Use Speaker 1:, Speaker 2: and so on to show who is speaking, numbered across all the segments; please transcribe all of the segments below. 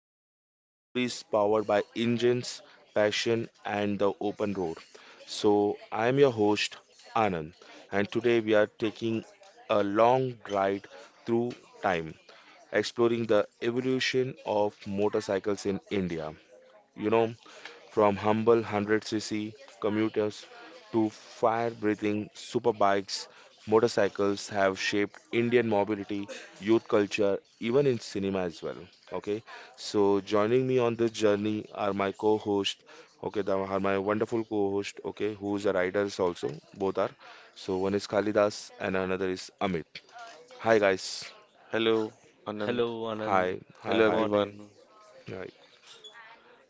Speaker 1: explore a stories powered by engines, passion, and the open road. So I am your host Anand, and today we are taking a long ride through time, exploring the evolution of motorcycles in India. You know, from humble 100cc commuters to fire breathing superbikes, motorcycles have shaped Indian mobility, youth culture, even in cinema as well. Okay, so joining me on this journey are my wonderful co host, okay, who's a riders also, both are. So one is Kalidas and another is Amit. Hi, guys.
Speaker 2: Hello,
Speaker 3: Hello,
Speaker 2: Anand.
Speaker 3: Anand.
Speaker 1: Hi, hi,
Speaker 2: Hello,
Speaker 3: Good
Speaker 1: hi,
Speaker 2: everyone.
Speaker 3: morning.
Speaker 1: hi.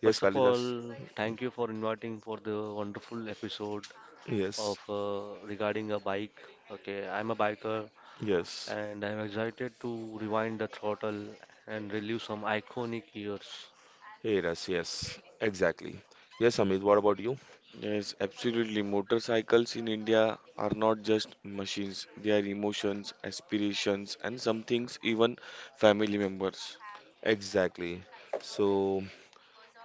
Speaker 1: Yes,
Speaker 3: First of
Speaker 1: Kalidas.
Speaker 3: all, thank you for inviting for the wonderful episode of
Speaker 1: Yes,
Speaker 3: regarding a bike. Okay, I'm a biker
Speaker 1: yes.
Speaker 3: and I'm excited to rewind the throttle and relive some iconic years.
Speaker 1: Hey, Russ, yes, exactly. Yes, Amit, what about you?
Speaker 2: Yes, absolutely. Motorcycles in India are not just machines, they are emotions, aspirations, and some things even family members.
Speaker 1: Exactly. So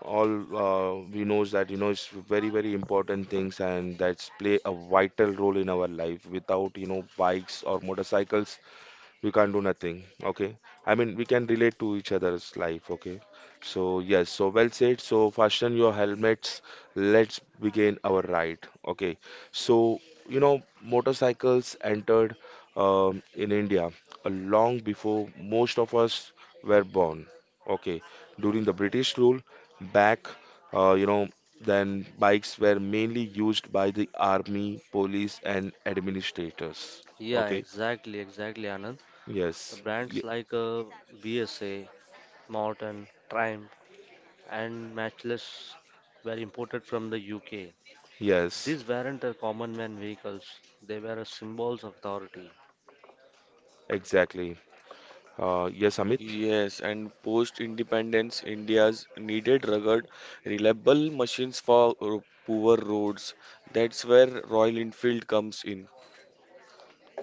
Speaker 1: all we know is that you know it's very important things and that's play a vital role in our life. Without you know bikes or motorcycles, we can't do nothing. Okay, I mean we can relate to each other's life. Okay, so yes, so well said, so fasten your helmets, let's begin our ride. Okay, so you know motorcycles entered in India long before most of us were born. Okay, during the British rule back, you know, then bikes were mainly used by the army, police and administrators.
Speaker 3: Yeah,
Speaker 1: Okay.
Speaker 3: exactly, exactly, Anand. The
Speaker 1: Yes, y-
Speaker 3: brands like VSA, Norton, Triumph, and Matchless were imported from the UK.
Speaker 1: yes,
Speaker 3: These weren't a common man vehicles; they were a symbols of authority.
Speaker 1: exactly. Yes, Amit.
Speaker 2: Yes, and post independence, India's needed rugged, reliable machines for poor roads. That's where Royal Enfield comes in.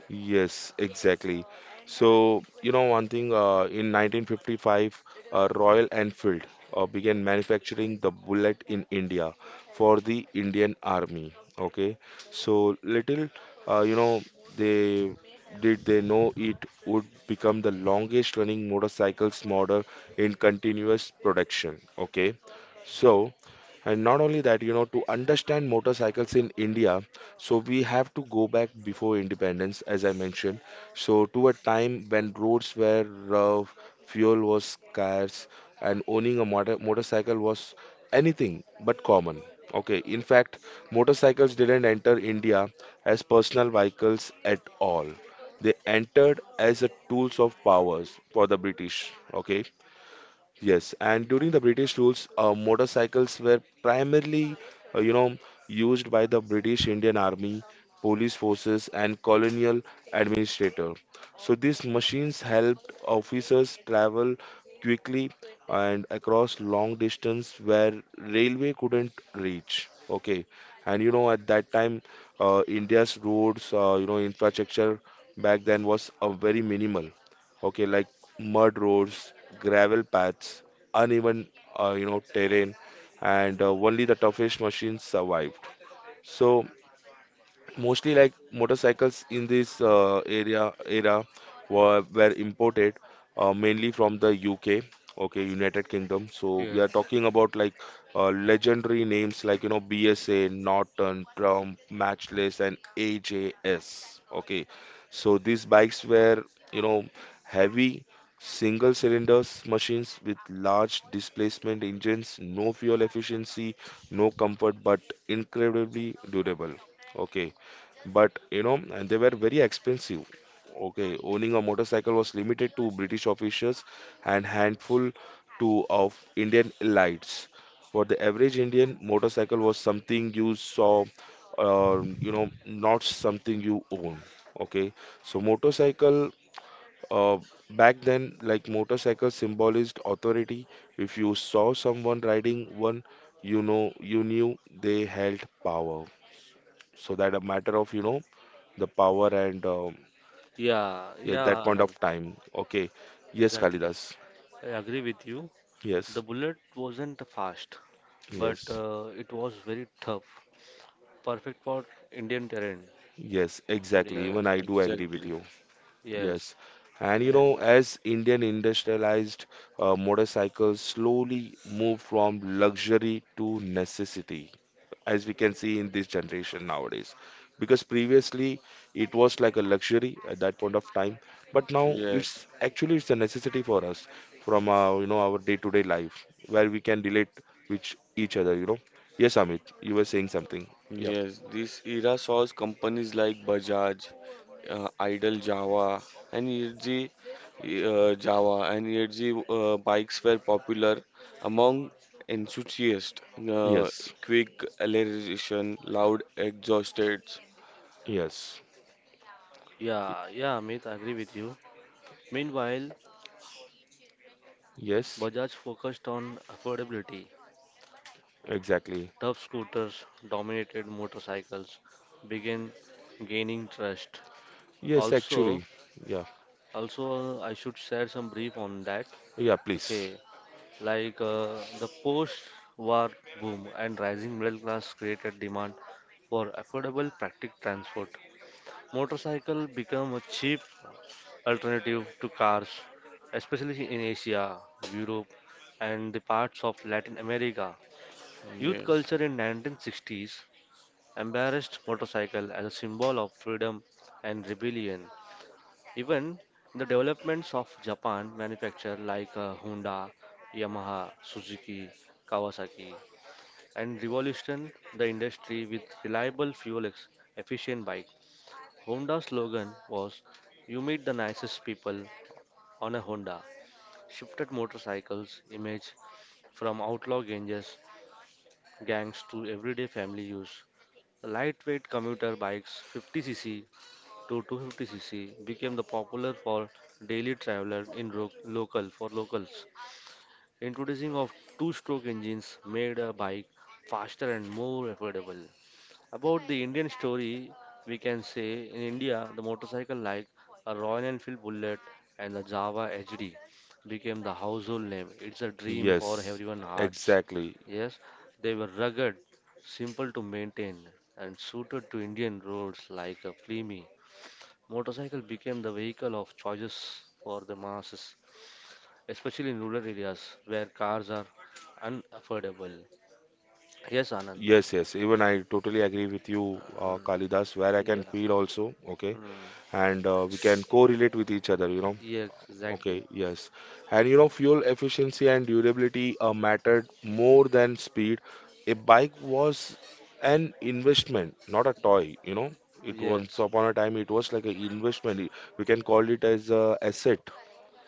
Speaker 1: Yes, exactly. So, you know, one thing, in 1955, Royal Enfield began manufacturing the bullet in India for the Indian Army. Okay, so little, you know, they they know it would become the longest running motorcycles model in continuous production. Okay, so. And not only that, you know, to understand motorcycles in India, so we have to go back before independence, as I mentioned. So to a time when roads were rough, fuel was scarce, and owning a motorcycle was anything but common. Okay, in fact, motorcycles didn't enter India as personal vehicles at all. They entered as a tools of powers for the British. Okay. Yes, and during the British rules, motorcycles were primarily, you know, used by the British Indian Army, police forces, and colonial administrator. So these machines helped officers travel quickly and across long distance where railway couldn't reach. Okay, and you know at that time, India's roads, you know, infrastructure back then was very minimal. Okay, like mud roads, gravel paths, uneven, you know, terrain, and only the toughest machines survived. So mostly like motorcycles in this area era were imported mainly from the UK. Okay, United Kingdom. So we
Speaker 3: Yes.
Speaker 1: are talking about like legendary names like you know BSA, Norton, Trump, Matchless and AJS. Okay, so these bikes were, you know, heavy single cylinders machines with large displacement engines, no fuel efficiency, no comfort, but incredibly durable. Okay, but you know, and they were very expensive. Okay, owning a motorcycle was limited to British officials and handful to of Indian elites. For the average Indian, motorcycle was something you saw, you know, not something you own. Okay, so motorcycle, uh, back then, like motorcycle symbolized authority. If you saw someone riding one, you know you knew they held power. So that a matter of you know the power and
Speaker 3: Yeah,
Speaker 1: at that
Speaker 3: yeah,
Speaker 1: point of
Speaker 3: Anand.
Speaker 1: time. Okay. Yes,
Speaker 3: Exactly.
Speaker 1: Kalidas.
Speaker 3: I agree with you.
Speaker 1: Yes.
Speaker 3: The bullet wasn't fast, but
Speaker 1: Yes.
Speaker 3: it was very tough. Perfect for Indian terrain.
Speaker 1: Yes, exactly. Even
Speaker 3: Yes,
Speaker 1: I do agree with
Speaker 2: Exactly.
Speaker 1: you.
Speaker 3: yes.
Speaker 1: Yes. And you
Speaker 3: And
Speaker 1: know, as Indian industrialized, motorcycles slowly move from luxury to necessity, as we can see in this generation nowadays, because previously it was like a luxury at that point of time, but now
Speaker 2: Yes.
Speaker 1: it's, actually it's a necessity for us from our you know our day-to-day life, where we can relate with each other, you know. Yes, Amit, you were saying something. Yeah.
Speaker 2: Yes, this era saws companies like Bajaj, Idle Java, and ERG uh, Java and ERG bikes were popular among enthusiasts. Uh,
Speaker 1: Yes.
Speaker 2: quick acceleration, loud exhausts.
Speaker 1: Yes.
Speaker 3: yeah, yeah, Amit, I agree with you. Meanwhile,
Speaker 1: Yes,
Speaker 3: Bajaj focused on affordability.
Speaker 1: exactly.
Speaker 3: Tough scooters dominated motorcycles, began gaining trust.
Speaker 1: Yes,
Speaker 3: Also,
Speaker 1: actually. Yeah.
Speaker 3: also, I should share some brief on that.
Speaker 1: Yeah, please.
Speaker 3: Okay, like the post-war boom and rising middle class created demand for affordable, practical transport. Motorcycle became a cheap alternative to cars, especially in Asia, Europe, and the parts of Latin America. Youth
Speaker 2: Yes,
Speaker 3: culture in 1960s embarrassed motorcycle as a symbol of freedom and rebellion. Even the developments of Japan manufacture like Honda, Yamaha, Suzuki, Kawasaki, and revolution the industry with reliable fuel efficient bike. Honda's slogan was "You meet the nicest people on a Honda." Shifted motorcycles image from outlaw ganges gangs to everyday family use. Lightweight commuter bikes 50cc to 250cc became the popular for daily traveler in local for locals. Introducing of two-stroke engines made a bike faster and more affordable. About the Indian story, we can say in India the motorcycle like a Royal Enfield Bullet and the Java HD became the household name. It's a dream for
Speaker 1: Yes,
Speaker 3: everyone hearts.
Speaker 1: exactly.
Speaker 3: Yes, they were rugged, simple to maintain, and suited to Indian roads like a Flemi Motorcycle became the vehicle of choices for the masses, especially in rural areas where cars are unaffordable. Yes, Anand.
Speaker 1: Yes, yes,
Speaker 3: Uh,
Speaker 1: even I totally agree with you,
Speaker 3: uh,
Speaker 1: Kalidas, where I can
Speaker 3: yeah.
Speaker 1: feel also, okay,
Speaker 3: Mm.
Speaker 1: and we can correlate with each other, you know.
Speaker 3: Yes, exactly.
Speaker 1: Okay, yes. And you know, fuel efficiency and durability mattered more than speed. A bike was an investment, not a toy, you know. It once
Speaker 3: Yes.
Speaker 1: upon a time, it was like an investment. We can call it as a asset.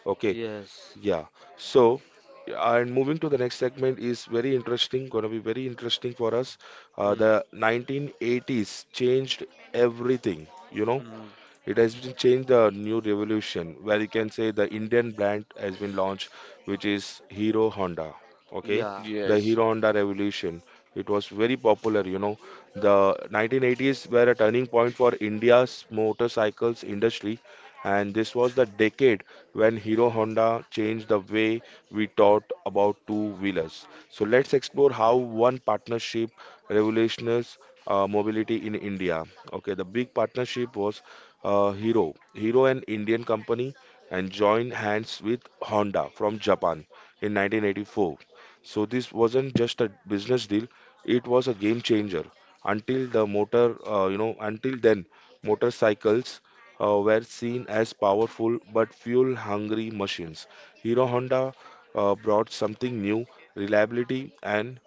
Speaker 1: Okay,
Speaker 3: Yes.
Speaker 1: yeah. So, and moving to the next segment is very interesting, gonna be very interesting for us.
Speaker 3: Mm.
Speaker 1: The 1980s changed everything, you know.
Speaker 3: Mm.
Speaker 1: It has been changed the new revolution where you can say the Indian brand has been launched, which is Hero Honda. Okay,
Speaker 3: Yeah.
Speaker 1: the
Speaker 2: yes,
Speaker 1: Hero Honda revolution. It was very popular, you know. The 1980s were a turning point for India's motorcycles industry, and this was the decade when Hero Honda changed the way we thought about two-wheelers. So let's explore how one partnership revolutionized mobility in India. Okay, the big partnership was Hero, an Indian company, and joined hands with Honda from Japan in 1984. So this wasn't just a business deal; it was a game changer. Until then, motorcycles were seen as powerful but fuel-hungry machines. Hero Honda brought something new, reliability and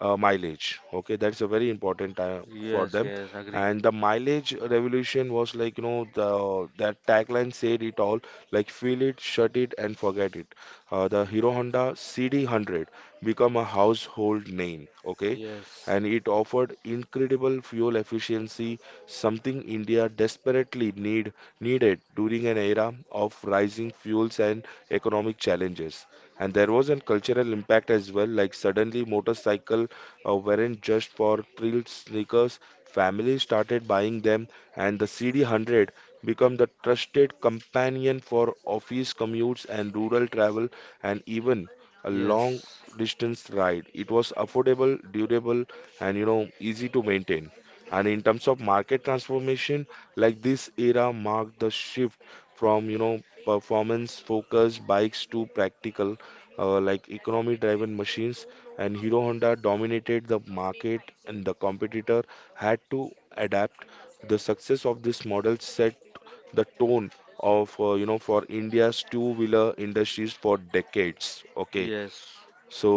Speaker 1: mileage. Okay, that's a very important time for
Speaker 3: Yes,
Speaker 1: them,
Speaker 3: yes, agree.
Speaker 1: and the mileage revolution was like, you know, the that tagline said it all, like feel it, shut it and forget it. Uh, the Hero Honda CD100 become a household name. Okay,
Speaker 3: Yes.
Speaker 1: and it offered incredible fuel efficiency, something India desperately needed during an era of rising fuels and economic challenges. And there was a cultural impact as well, like suddenly motorcycle weren't just for thrill seekers. Families started buying them, and the CD100 became the trusted companion for office commutes and rural travel, and even a long
Speaker 3: Yes.
Speaker 1: distance ride. It was affordable, durable, and you know easy to maintain. And in terms of market transformation, like this era marked the shift from you know performance focused bikes to practical, like economy driven machines, and Hero Honda dominated the market and the competitor had to adapt. The success of this model set the tone of you know for India's two-wheeler industries for decades. Okay,
Speaker 3: Yes.
Speaker 1: so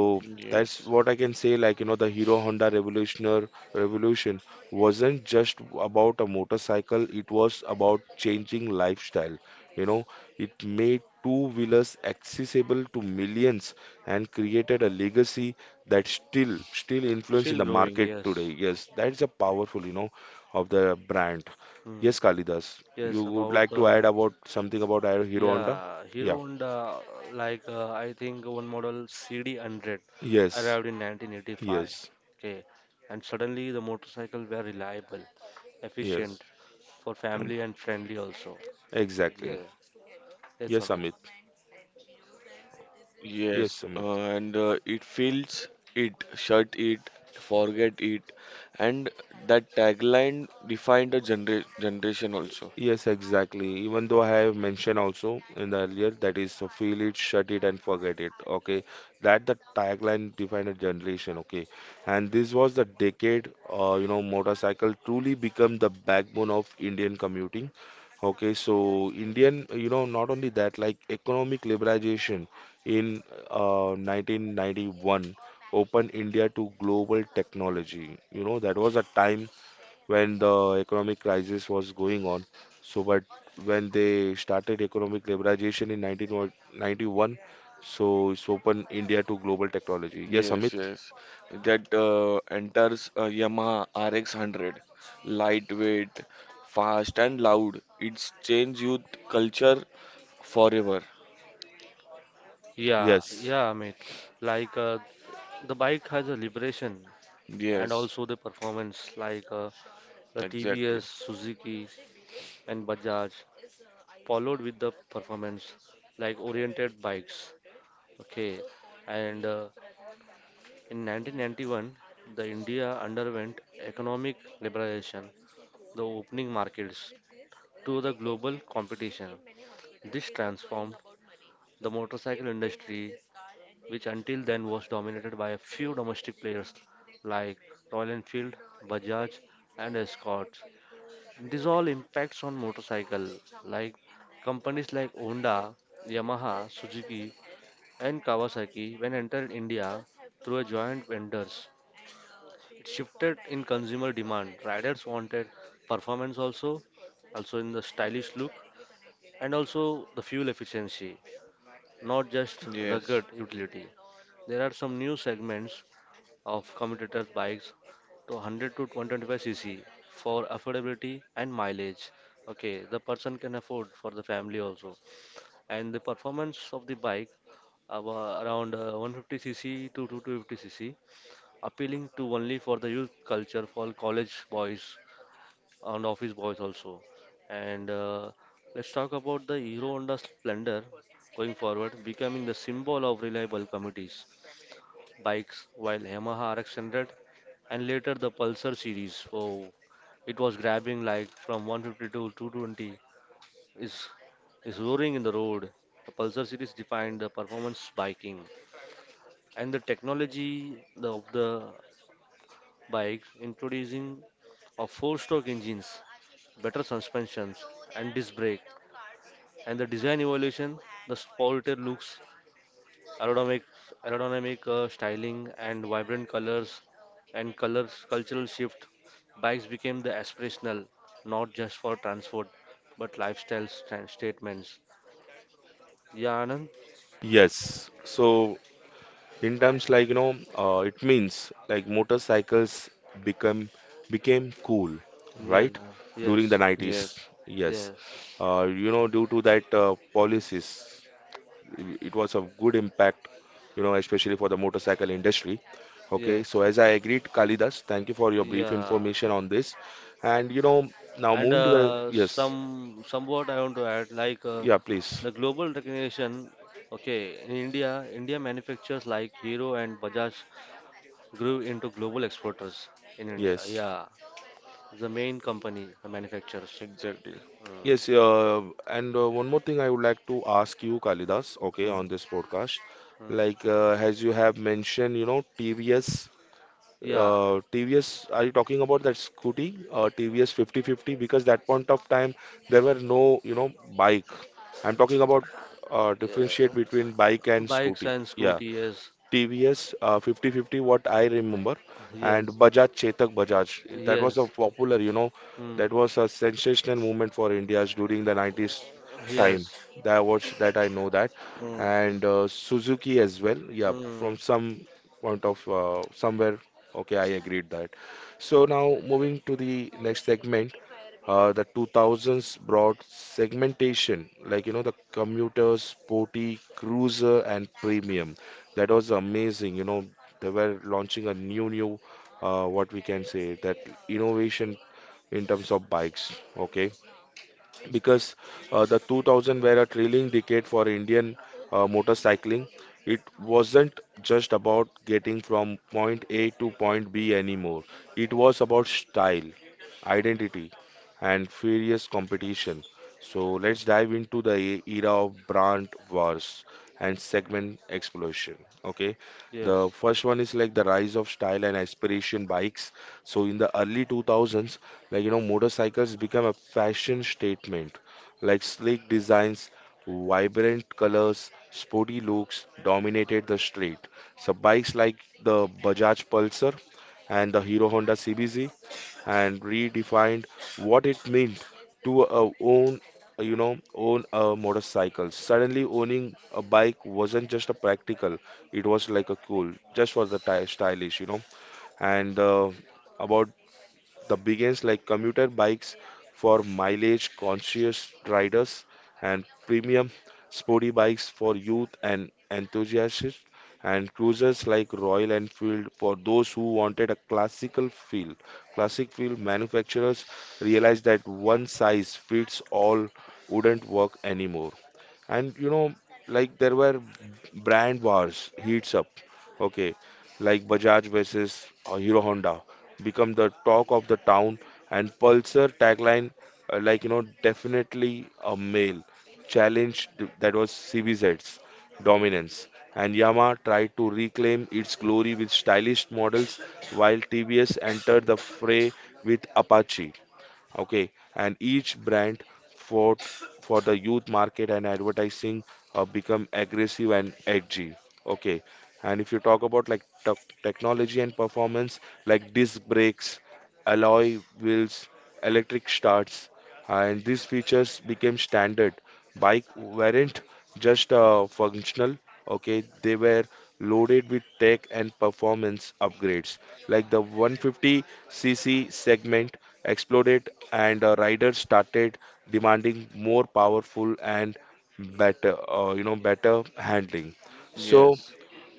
Speaker 1: that's
Speaker 2: yes,
Speaker 1: what I can say. Like, you know, the Hero Honda Revolution wasn't just about a motorcycle, it was about changing lifestyle. You know, it made two-wheelers accessible to millions and created a legacy that still influence in
Speaker 3: Still
Speaker 1: the
Speaker 3: growing,
Speaker 1: market today.
Speaker 3: yes.
Speaker 1: Yes, that's a powerful, you know, of the brand.
Speaker 3: Mm.
Speaker 1: Yes, Kalidas, you
Speaker 3: Yes,
Speaker 1: would
Speaker 3: about
Speaker 1: like to add about something about Hero Honda?
Speaker 3: yeah, Hero
Speaker 1: Yeah.
Speaker 3: Honda, like I think one model CD100
Speaker 1: Yes.
Speaker 3: arrived in 1985.
Speaker 1: Yes.
Speaker 3: Okay, and suddenly the motorcycle were reliable,
Speaker 1: Yes.
Speaker 3: efficient for
Speaker 1: And.
Speaker 3: family and friendly also.
Speaker 1: Exactly.
Speaker 3: Yeah, that's
Speaker 1: Yes,
Speaker 3: Amit.
Speaker 1: Amit. Yes,
Speaker 2: yes,
Speaker 1: Amit.
Speaker 2: and It feels it, shut it, forget it, and that tagline defined a generation also.
Speaker 1: Yes, exactly. Even though I have mentioned also in the earlier, that is so feel it, shut it, and forget it. Okay, that the tagline defined a generation. Okay, and this was the decade. You know, motorcycle truly become the backbone of Indian commuting. Okay, so Indian, you know, not only that, like economic liberalization in 1991 opened India to global technology. You know, that was a time when the economic crisis was going on. So, but when they started economic liberalization in 1991, so it's opened India to global technology. Yes, Amit?
Speaker 2: Yes, yes. That enters a Yamaha RX 100. Lightweight, fast and loud. It's changed youth culture forever.
Speaker 3: Yeah,
Speaker 1: Yes.
Speaker 3: yeah, Amit. Like the bike has a liberation and
Speaker 2: Yes,
Speaker 3: also the performance, like the
Speaker 2: exactly.
Speaker 3: TVS, Suzuki, and Bajaj followed with the performance like oriented bikes. Okay, and in 1991, the India underwent economic liberalization, the opening markets to the global competition. This transformed the motorcycle industry, which until then was dominated by a few domestic players like Royal Enfield, Bajaj, and Escort. This all impacts on motorcycle like companies like Honda, Yamaha, Suzuki and Kawasaki when entered India through a joint vendors. It shifted in consumer demand. Riders wanted performance also, also in the stylish look and also the fuel efficiency, not just
Speaker 2: Yes,
Speaker 3: rugged utility. There are some new segments of commuter bikes to 100 to 125 cc for affordability and mileage. Okay, the person can afford for the family also. And the performance of the bike around 150 cc to 250 cc, appealing to only for the youth culture for college boys and office boys also. And let's talk about the Hero Honda Splendor going forward, becoming the symbol of reliable communities bikes, while Yamaha RX100 and later the Pulsar series. Oh, it was grabbing like from 150 to 220, is is roaring in the road. The Pulsar series defined the performance biking and the technology of the bike, introducing of four-stroke engines, better suspensions, and disc brake, and the design evolution. The sportier looks aerodynamic, styling, and vibrant colors and colors cultural shift, bikes became the aspirational, not just for transport, but lifestyle statements. Yeah, Anand?
Speaker 1: Yes. So in terms like you know, it means like motorcycles become became cool,
Speaker 3: Yeah,
Speaker 1: right? During the
Speaker 3: yes,
Speaker 1: 90s.
Speaker 2: yes,
Speaker 1: Yes.
Speaker 3: yes,
Speaker 1: You know, due to that policies, it was a good impact, you know, especially for the motorcycle industry. Okay,
Speaker 3: yes,
Speaker 1: so as I agreed, Kalidas, thank you for your brief
Speaker 3: yeah.
Speaker 1: information on this. And you know, now
Speaker 3: And
Speaker 1: moving to the yes.
Speaker 3: some somewhat I want to add, like
Speaker 1: Yeah, please.
Speaker 3: the global recognition. Okay, in India, India manufacturers like Hero and Bajaj grew into global exporters in India.
Speaker 1: Yes.
Speaker 3: Yeah, the main company, the manufacturers.
Speaker 2: exactly.
Speaker 3: Mm,
Speaker 1: Yes, and one more thing I would like to ask you, Kalidas. Okay,
Speaker 3: mm,
Speaker 1: on this podcast,
Speaker 3: mm.
Speaker 1: like as you have mentioned you know
Speaker 3: Yeah,
Speaker 1: TVS, are you talking about that scooty, TVS 5050? Because that point of time, there were no, you know, bike. I'm talking about
Speaker 3: yeah,
Speaker 1: differentiate between bike and
Speaker 3: bikes
Speaker 1: scooty.
Speaker 3: and
Speaker 1: Yeah.
Speaker 3: scooty. Yes,
Speaker 1: TVS 5050, what I remember, and
Speaker 3: yes,
Speaker 1: Bajaj That was a
Speaker 3: yes,
Speaker 1: popular, you know,
Speaker 3: mm,
Speaker 1: that was a sensational movement for India during the 90s time.
Speaker 3: yes,
Speaker 1: That was that I know that,
Speaker 3: mm,
Speaker 1: and Suzuki as well. Yeah,
Speaker 3: mm,
Speaker 1: from some point of somewhere. Okay, I agreed that. So now moving to the next segment, the 2000s brought segmentation, like you know, the commuter, sporty, cruiser, and premium. That was amazing. You know, they were launching a new, what we can say, that innovation in terms of bikes. Okay, because the 2000 were a thrilling decade for Indian motorcycling. It wasn't just about getting from point A to point B anymore. It was about style, identity, and furious competition. So let's dive into the era of brand wars and segment explosion. Okay,
Speaker 3: yes,
Speaker 1: the first one is like the rise of style and aspiration bikes. So in the early 2000s, like, you know, motorcycles become a fashion statement. Like sleek designs, vibrant colors, sporty looks dominated the street. So bikes like the Bajaj Pulsar and the Hero Honda CBZ and redefined what it meant to own own a motorcycle. Suddenly owning a bike wasn't just a practical, it was like a cool just for the stylish. You know and About the biggest like commuter bikes for mileage conscious riders, and premium sporty bikes for youth and enthusiasts, and cruisers like Royal Enfield for those who wanted a classical feel. Classic feel manufacturers realized that one size fits all wouldn't work anymore. And you know, like there were brand wars heats up. Okay, like Bajaj versus Hero Honda become the talk of the town, and Pulsar tagline, like you know, definitely a male challenge that was CVZ's dominance. And Yamaha tried to reclaim its glory with stylish models, while TBS entered the fray with Apache. Okay, and each brand fought for the youth market, and advertising become aggressive and edgy. Okay, and if you talk about like technology and performance, like disc brakes, alloy wheels, electric starts, and these features became standard. Bike weren't just functional, okay, they were loaded with tech and performance upgrades. Like the 150cc segment exploded, and riders started demanding more powerful and better, better handling. So
Speaker 2: Yes,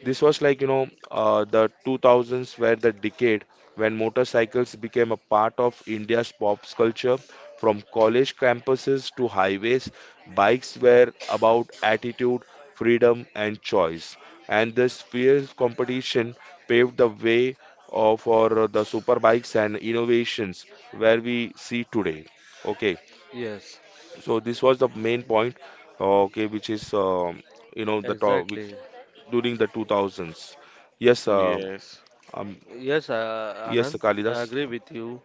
Speaker 1: this was like, the 2000s were the decade when motorcycles became a part of India's pop culture. From college campuses to highways, bikes were about attitude, freedom, and choice. And this fierce competition paved the way for the superbikes and innovations where we see today. Okay,
Speaker 3: yes.
Speaker 1: so this was the main point. Okay, which is you know, the top
Speaker 3: Exactly.
Speaker 1: during the 2000s. Yes,
Speaker 2: yes,
Speaker 1: um,
Speaker 3: Yes,
Speaker 1: yes,
Speaker 3: Anand, I
Speaker 1: Kalidas.
Speaker 3: agree with you.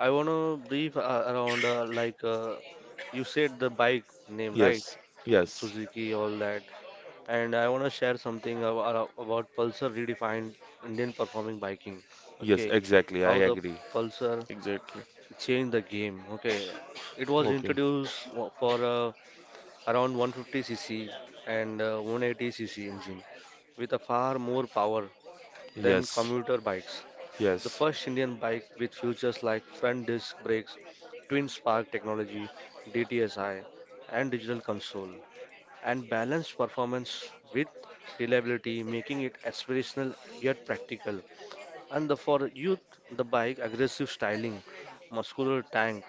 Speaker 3: I want to brief around like you said the bike name, right?
Speaker 1: Yes, yes,
Speaker 3: Suzuki, all that, and I want to share something about Pulsar redefined Indian performing biking.
Speaker 1: yes,
Speaker 3: Okay,
Speaker 1: exactly. I
Speaker 3: how the
Speaker 1: agree.
Speaker 3: Pulsar
Speaker 2: exactly.
Speaker 3: changed the game. Okay, it was
Speaker 1: Okay.
Speaker 3: introduced for around 150cc and 180cc engine with a far more power than
Speaker 1: Yes,
Speaker 3: commuter bikes. The
Speaker 1: yes,
Speaker 3: first Indian bike with features like front disc brakes, twin spark technology, DTSI, and digital console and balanced performance with reliability, making it aspirational yet practical. And the, for youth, the bike aggressive styling, muscular tank,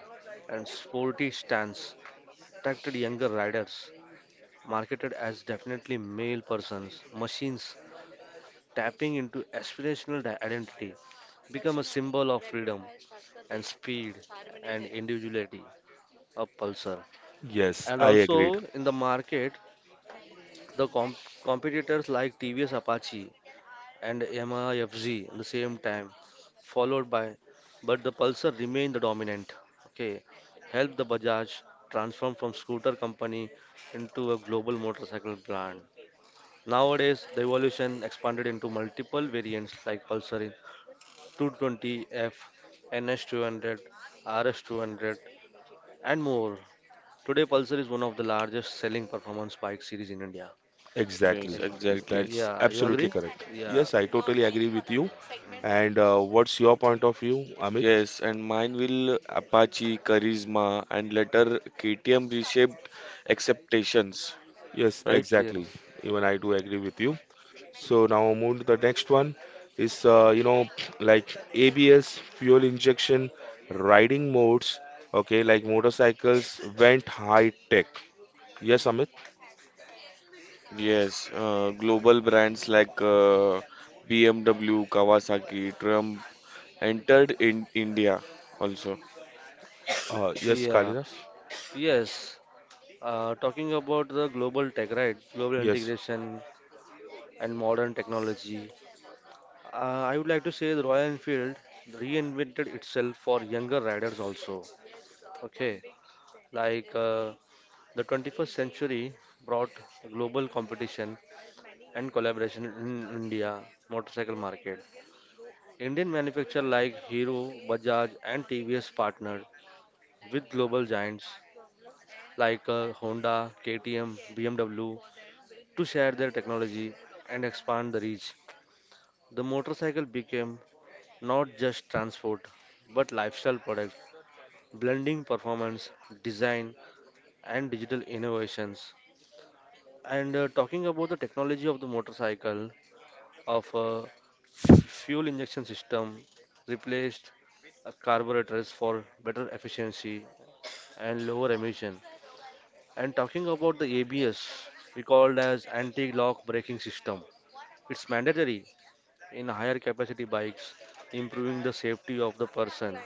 Speaker 3: and sporty stance attracted younger riders, marketed as definitely male persons, machines tapping into aspirational identity become a symbol of freedom and speed and individuality of Pulsar.
Speaker 1: yes,
Speaker 3: And
Speaker 1: I
Speaker 3: also
Speaker 1: agreed.
Speaker 3: in the market, the competitors like TVS Apache and MIFZ at the same time, followed by, but the Pulsar remained the dominant. Okay, helped the Bajaj transform from scooter company into a global motorcycle brand. Nowadays, the evolution expanded into multiple variants like Pulsar 220 F, N S 200 RS200, and more. Today, Pulsar is one of the largest selling performance bike series in India.
Speaker 2: Yes,
Speaker 1: Exactly.
Speaker 2: exactly.
Speaker 1: That's
Speaker 3: Yeah, you
Speaker 1: absolutely
Speaker 3: agree?
Speaker 1: correct.
Speaker 3: Yeah,
Speaker 1: Yes, I totally agree with you. And what's your point of view, Amit?
Speaker 2: Yes, and mine will Apache, Charisma, and later KTM reshaped acceptations,
Speaker 1: Yes,
Speaker 2: right?
Speaker 3: yes.
Speaker 1: exactly. Even I do agree with you. So now move to the next one is you know, like ABS, fuel injection, riding modes. Okay, like motorcycles went high tech. Yes, Amit.
Speaker 2: Yes, global brands like BMW, Kawasaki, Trump entered in India also.
Speaker 1: Yes,
Speaker 3: Yeah,
Speaker 1: Kalidas.
Speaker 3: yes, talking about the global tech, right? Global
Speaker 1: Yes.
Speaker 3: integration and modern technology. I would like to say the Royal Enfield reinvented itself for younger riders also. Okay, like the 21st century brought global competition and collaboration in India motorcycle market. Indian manufacturers like Hero, Bajaj, and TVS partnered with global giants like Honda, KTM, BMW to share their technology and expand the reach. The motorcycle became not just transport but lifestyle product, blending performance, design, and digital innovations. And talking about the technology of the motorcycle, of a fuel injection system replaced carburetors for better efficiency and lower emission. And talking about the ABS, we called as anti-lock braking system. It's mandatory in higher capacity bikes, improving the safety of the person.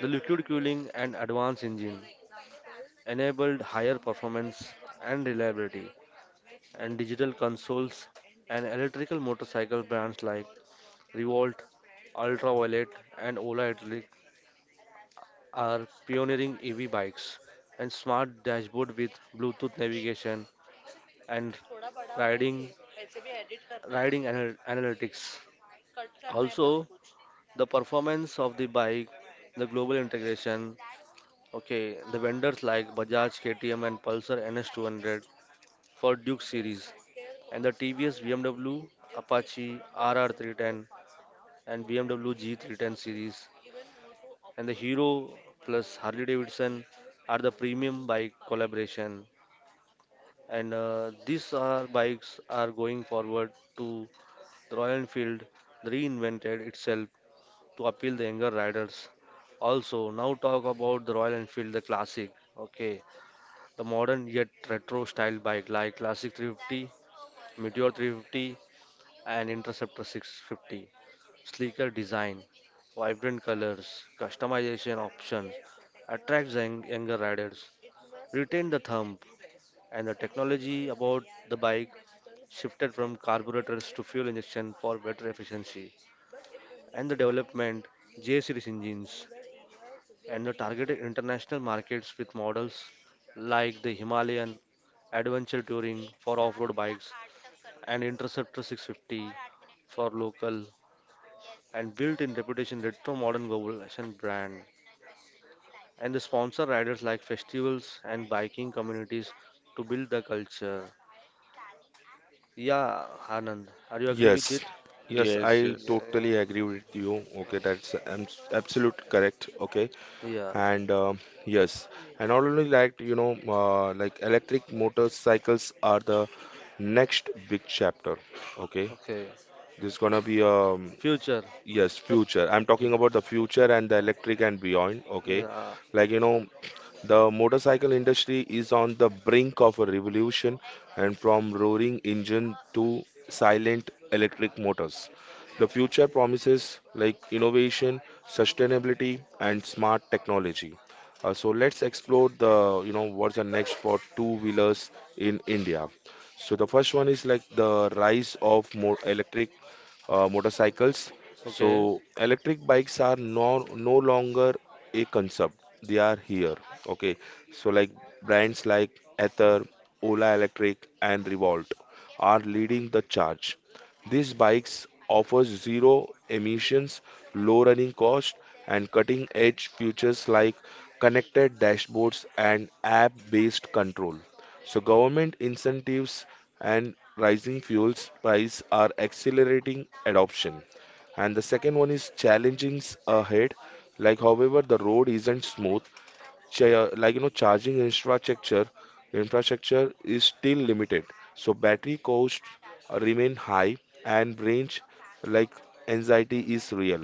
Speaker 3: The liquid cooling and advanced engine enabled higher performance and reliability, and digital consoles and electrical motorcycle brands like Revolt, Ultraviolet, and Ola Electric are pioneering EV bikes and smart dashboard with Bluetooth navigation and riding riding analytics. Also, the performance of the bike, the global integration. Okay, the vendors like Bajaj, KTM, and Pulsar NS200 for Duke series, and the TVS, BMW, Apache RR310, and BMW G310 series, and the Hero plus Harley Davidson are the premium bike collaboration. And these are bikes are going forward to the Royal Enfield reinvented itself to appeal the younger riders. Also, now talk about the Royal Enfield, the classic. Okay, the modern yet retro style bike like Classic 350, Meteor 350, and Interceptor 650. Sleeker design, vibrant colors, customization options attracts the younger riders. Retain the thump and the technology about the bike shifted from carburetors to fuel injection for better efficiency, and the development J series engines and the targeted international markets with models like the Himalayan Adventure Touring for off-road bikes and Interceptor 650 for local and built-in reputation retro modern global fashion brand and the sponsor riders like festivals and biking communities to build the culture. Yeah, Anand, are you agree with
Speaker 1: Yes,
Speaker 3: it?
Speaker 1: yes,
Speaker 2: Yes,
Speaker 1: I
Speaker 3: Yeah,
Speaker 2: yes.
Speaker 3: yeah.
Speaker 1: totally agree with you. Okay, that's absolute correct. Okay,
Speaker 3: Yeah.
Speaker 1: and yes, and not only like you know, like electric motorcycles are the next big chapter. Okay,
Speaker 3: Okay.
Speaker 1: this is gonna be a.
Speaker 3: Future.
Speaker 1: Yes,
Speaker 3: Up-
Speaker 1: future. I'm talking
Speaker 3: Yeah.
Speaker 1: about the future and the electric and beyond. Okay.
Speaker 3: Yeah.
Speaker 1: Like, you know, the motorcycle industry is on the brink of a revolution, and from roaring engine to silent electric motors. The future promises like innovation, sustainability, and smart technology. So let's explore the, you know, what's the next for two-wheelers in India. So the first one is like the rise of more electric motorcycles.
Speaker 3: Okay.
Speaker 1: So electric bikes are no longer a concept. They are here. Okay. So like brands like Ather, Ola Electric, and Revolt are leading the charge. These bikes offers zero emissions, low running cost, and cutting edge features like connected dashboards and app-based control. So government incentives and rising fuels price are accelerating adoption. And the second one is challenging ahead. Like however, the road isn't smooth. Like you know, charging infrastructure is still limited, so battery costs remain high, and range, like, anxiety is real.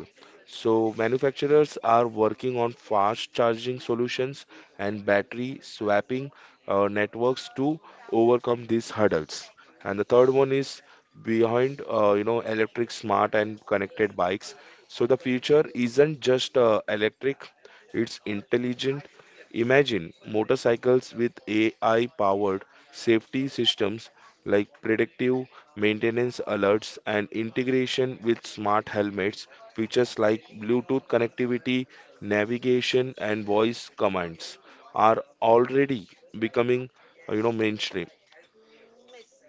Speaker 1: So manufacturers are working on fast charging solutions and battery swapping networks to overcome these hurdles. And the third one is behind, you know, electric smart and connected bikes. So the future isn't just electric, it's intelligent. Imagine motorcycles with AI powered safety systems, like predictive maintenance alerts and integration with smart helmets. Features like Bluetooth connectivity, navigation, and voice commands are already becoming mainstream.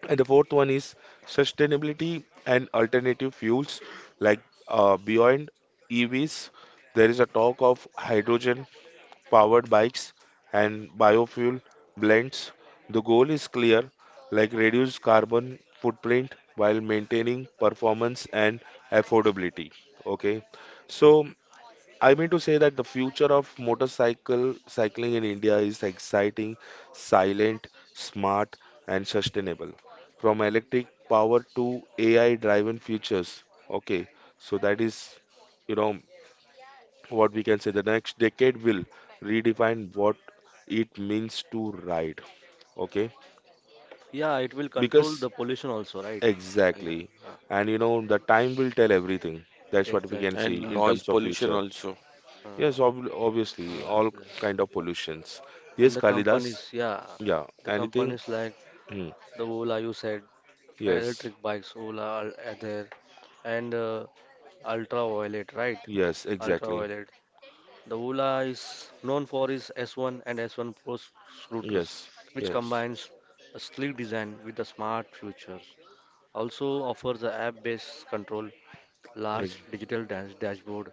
Speaker 1: And the fourth one is sustainability and alternative fuels, like beyond EVs. There is a talk of hydrogen powered bikes, and biofuel blends. The goal is clear, like reduce carbon footprint while maintaining performance and affordability. Okay. So I mean to say that the future of motorcycle cycling in India is exciting, silent, smart, and sustainable. From electric power to AI driven features. Okay. So that is, you know, what we can say, the next decade will redefine what it means to write. Okay,
Speaker 3: Yeah, it will control
Speaker 1: because
Speaker 3: the pollution also, right? Yeah.
Speaker 1: exactly,
Speaker 3: uh, uh,
Speaker 1: and you know, the time will tell everything, that's what we
Speaker 3: exactly.
Speaker 1: can see
Speaker 2: And
Speaker 1: in
Speaker 2: noise
Speaker 1: terms of
Speaker 2: pollution
Speaker 1: future.
Speaker 2: also.
Speaker 3: Uh,
Speaker 1: Yes, obviously
Speaker 3: uh,
Speaker 1: all kind of pollutions. Yes,
Speaker 3: and the companies,
Speaker 1: Kalidas.
Speaker 3: yeah,
Speaker 1: Yeah,
Speaker 3: the
Speaker 1: anything.
Speaker 3: companies like
Speaker 1: Hmm.
Speaker 3: the Ola you said,
Speaker 1: Yes,
Speaker 3: electric bikes, are there, and ultraviolet, right?
Speaker 1: yes, exactly.
Speaker 3: Ultraviolet. The Ola is known for its S1 and S1 Pro scooters,
Speaker 1: Yes,
Speaker 3: which
Speaker 1: yes.
Speaker 3: combines a sleek design with a smart features. Also offers a app-based control large
Speaker 1: Ex-.
Speaker 3: digital dashboard,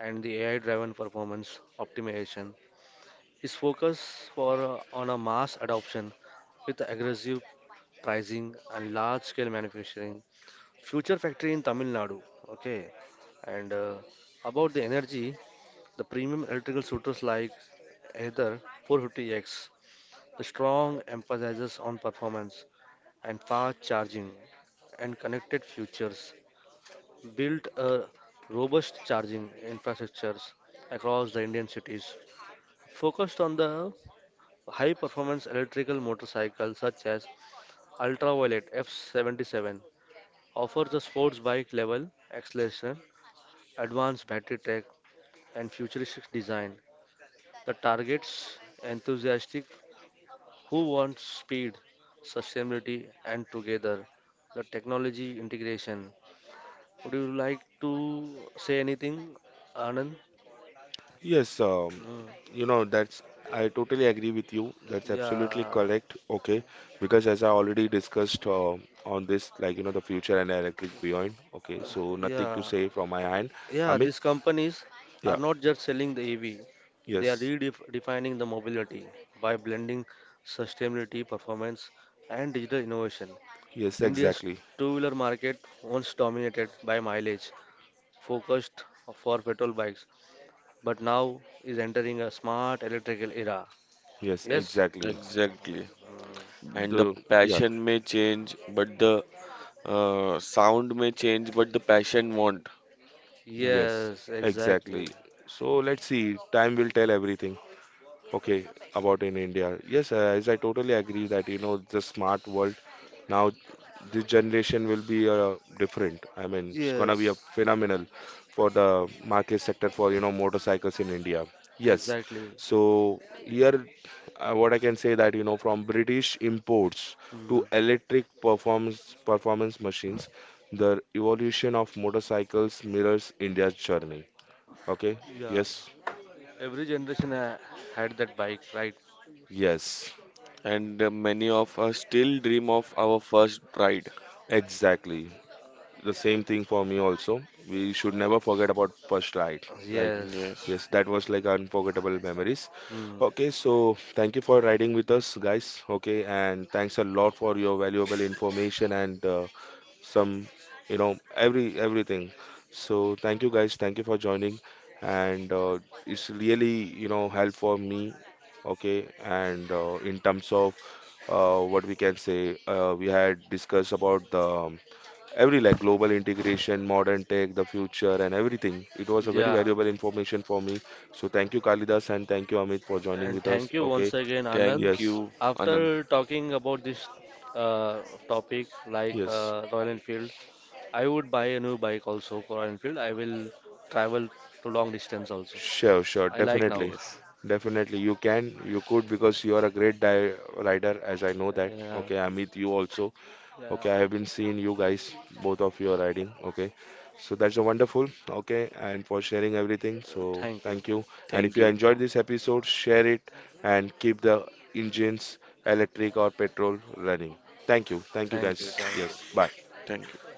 Speaker 3: and the AI driven performance optimization. Its focus for, on a mass adoption with aggressive pricing and large scale manufacturing. Future factory in Tamil Nadu. Okay, and about the energy, the premium electrical suitors like Aether 450X, the strong emphasizes on performance and fast charging and connected futures built a robust charging infrastructures across the Indian cities, focused on the high-performance electrical motorcycles such as Ultraviolet F77, offers a sports bike level acceleration, advanced battery tech, and futuristic design that targets enthusiastic who want speed, sustainability, and together the technology integration. Would you like to say anything, Anand?
Speaker 1: Yes,
Speaker 3: Mm.
Speaker 1: you know, that's, I totally agree with you. That's absolutely
Speaker 3: Yeah,
Speaker 1: correct. Okay. Because as I already discussed on this, like, you know, the future and electric beyond. Okay. So nothing
Speaker 3: yeah,
Speaker 1: to say from my end.
Speaker 3: yeah.
Speaker 1: Amit,
Speaker 3: These companies are
Speaker 1: yeah.
Speaker 3: not just selling the EV; they are
Speaker 1: Yes.
Speaker 3: redefining the mobility by blending sustainability, performance, and digital innovation.
Speaker 1: Yes,
Speaker 3: India's
Speaker 1: exactly.
Speaker 3: two-wheeler market once dominated by mileage, focused for petrol bikes, but now is entering a smart electrical era.
Speaker 1: Yes,
Speaker 3: Yes.
Speaker 1: exactly.
Speaker 2: Exactly.
Speaker 3: Mm.
Speaker 2: And the
Speaker 1: The, yeah.
Speaker 2: passion may change, but the sound may change, but the passion won't.
Speaker 1: Yes,
Speaker 3: Yes, exactly.
Speaker 1: exactly. So let's see. Time will tell everything. Okay, about in India. Yes, as I totally agree that you know, the smart world now, this generation will be different. I mean, it's gonna be a
Speaker 3: Yes,
Speaker 1: phenomenal for the market sector for you know, motorcycles in India. Yes.
Speaker 3: exactly.
Speaker 1: So here, what I can say that you know, from British imports
Speaker 3: Mm,
Speaker 1: to electric performance machines, the evolution of motorcycles mirrors India's journey. Okay.
Speaker 3: yeah.
Speaker 1: Yes.
Speaker 3: Every generation had that bike, right?
Speaker 1: Yes.
Speaker 2: And many of us still dream of our first ride.
Speaker 1: Exactly. The same thing for me also. We should never forget about first ride, right?
Speaker 3: Yes.
Speaker 2: Yes.
Speaker 1: Yes, that was like unforgettable memories.
Speaker 3: Hmm.
Speaker 1: Okay, so thank you for riding with us, guys. Okay, and thanks a lot for your valuable information and some, you know, everything. So thank you, guys. Thank you for joining, and it's really, you know, help for me. Okay, and in terms of what we can say, we had discussed about the every like global integration, modern tech, the future, and everything. It was a very
Speaker 3: Yeah.
Speaker 1: valuable information for me. So thank you, Kalidas, and thank you, Amit, for joining
Speaker 3: And
Speaker 1: with us.
Speaker 3: thank you
Speaker 1: Okay.
Speaker 3: once again, Anand.
Speaker 2: Thank
Speaker 1: Yes.
Speaker 2: you, Anand.
Speaker 3: After talking about this uh, topic like
Speaker 1: Yes.
Speaker 3: Royal Enfield, I would buy a new bike also for Royal Enfield. I will travel to long distance also.
Speaker 1: Sure. Sure.
Speaker 3: I like now.
Speaker 1: Definitely.
Speaker 2: Yes.
Speaker 1: Definitely. You can. You could because you are a great di rider, as I know that.
Speaker 3: Yeah.
Speaker 1: Okay, Amit, you also.
Speaker 3: Yeah.
Speaker 1: Okay, I have been seeing you guys, both of you are riding. Okay, so that's a wonderful. Okay, and for sharing everything. So
Speaker 3: Thank you.
Speaker 1: thank you. And if
Speaker 2: Thank
Speaker 1: you
Speaker 2: you.
Speaker 1: enjoyed this episode, share it and keep the engines, electric or petrol, running. Thank you. Thank you
Speaker 3: Thank
Speaker 1: guys.
Speaker 3: you. Thank you.
Speaker 1: Yes, bye.
Speaker 2: Thank you.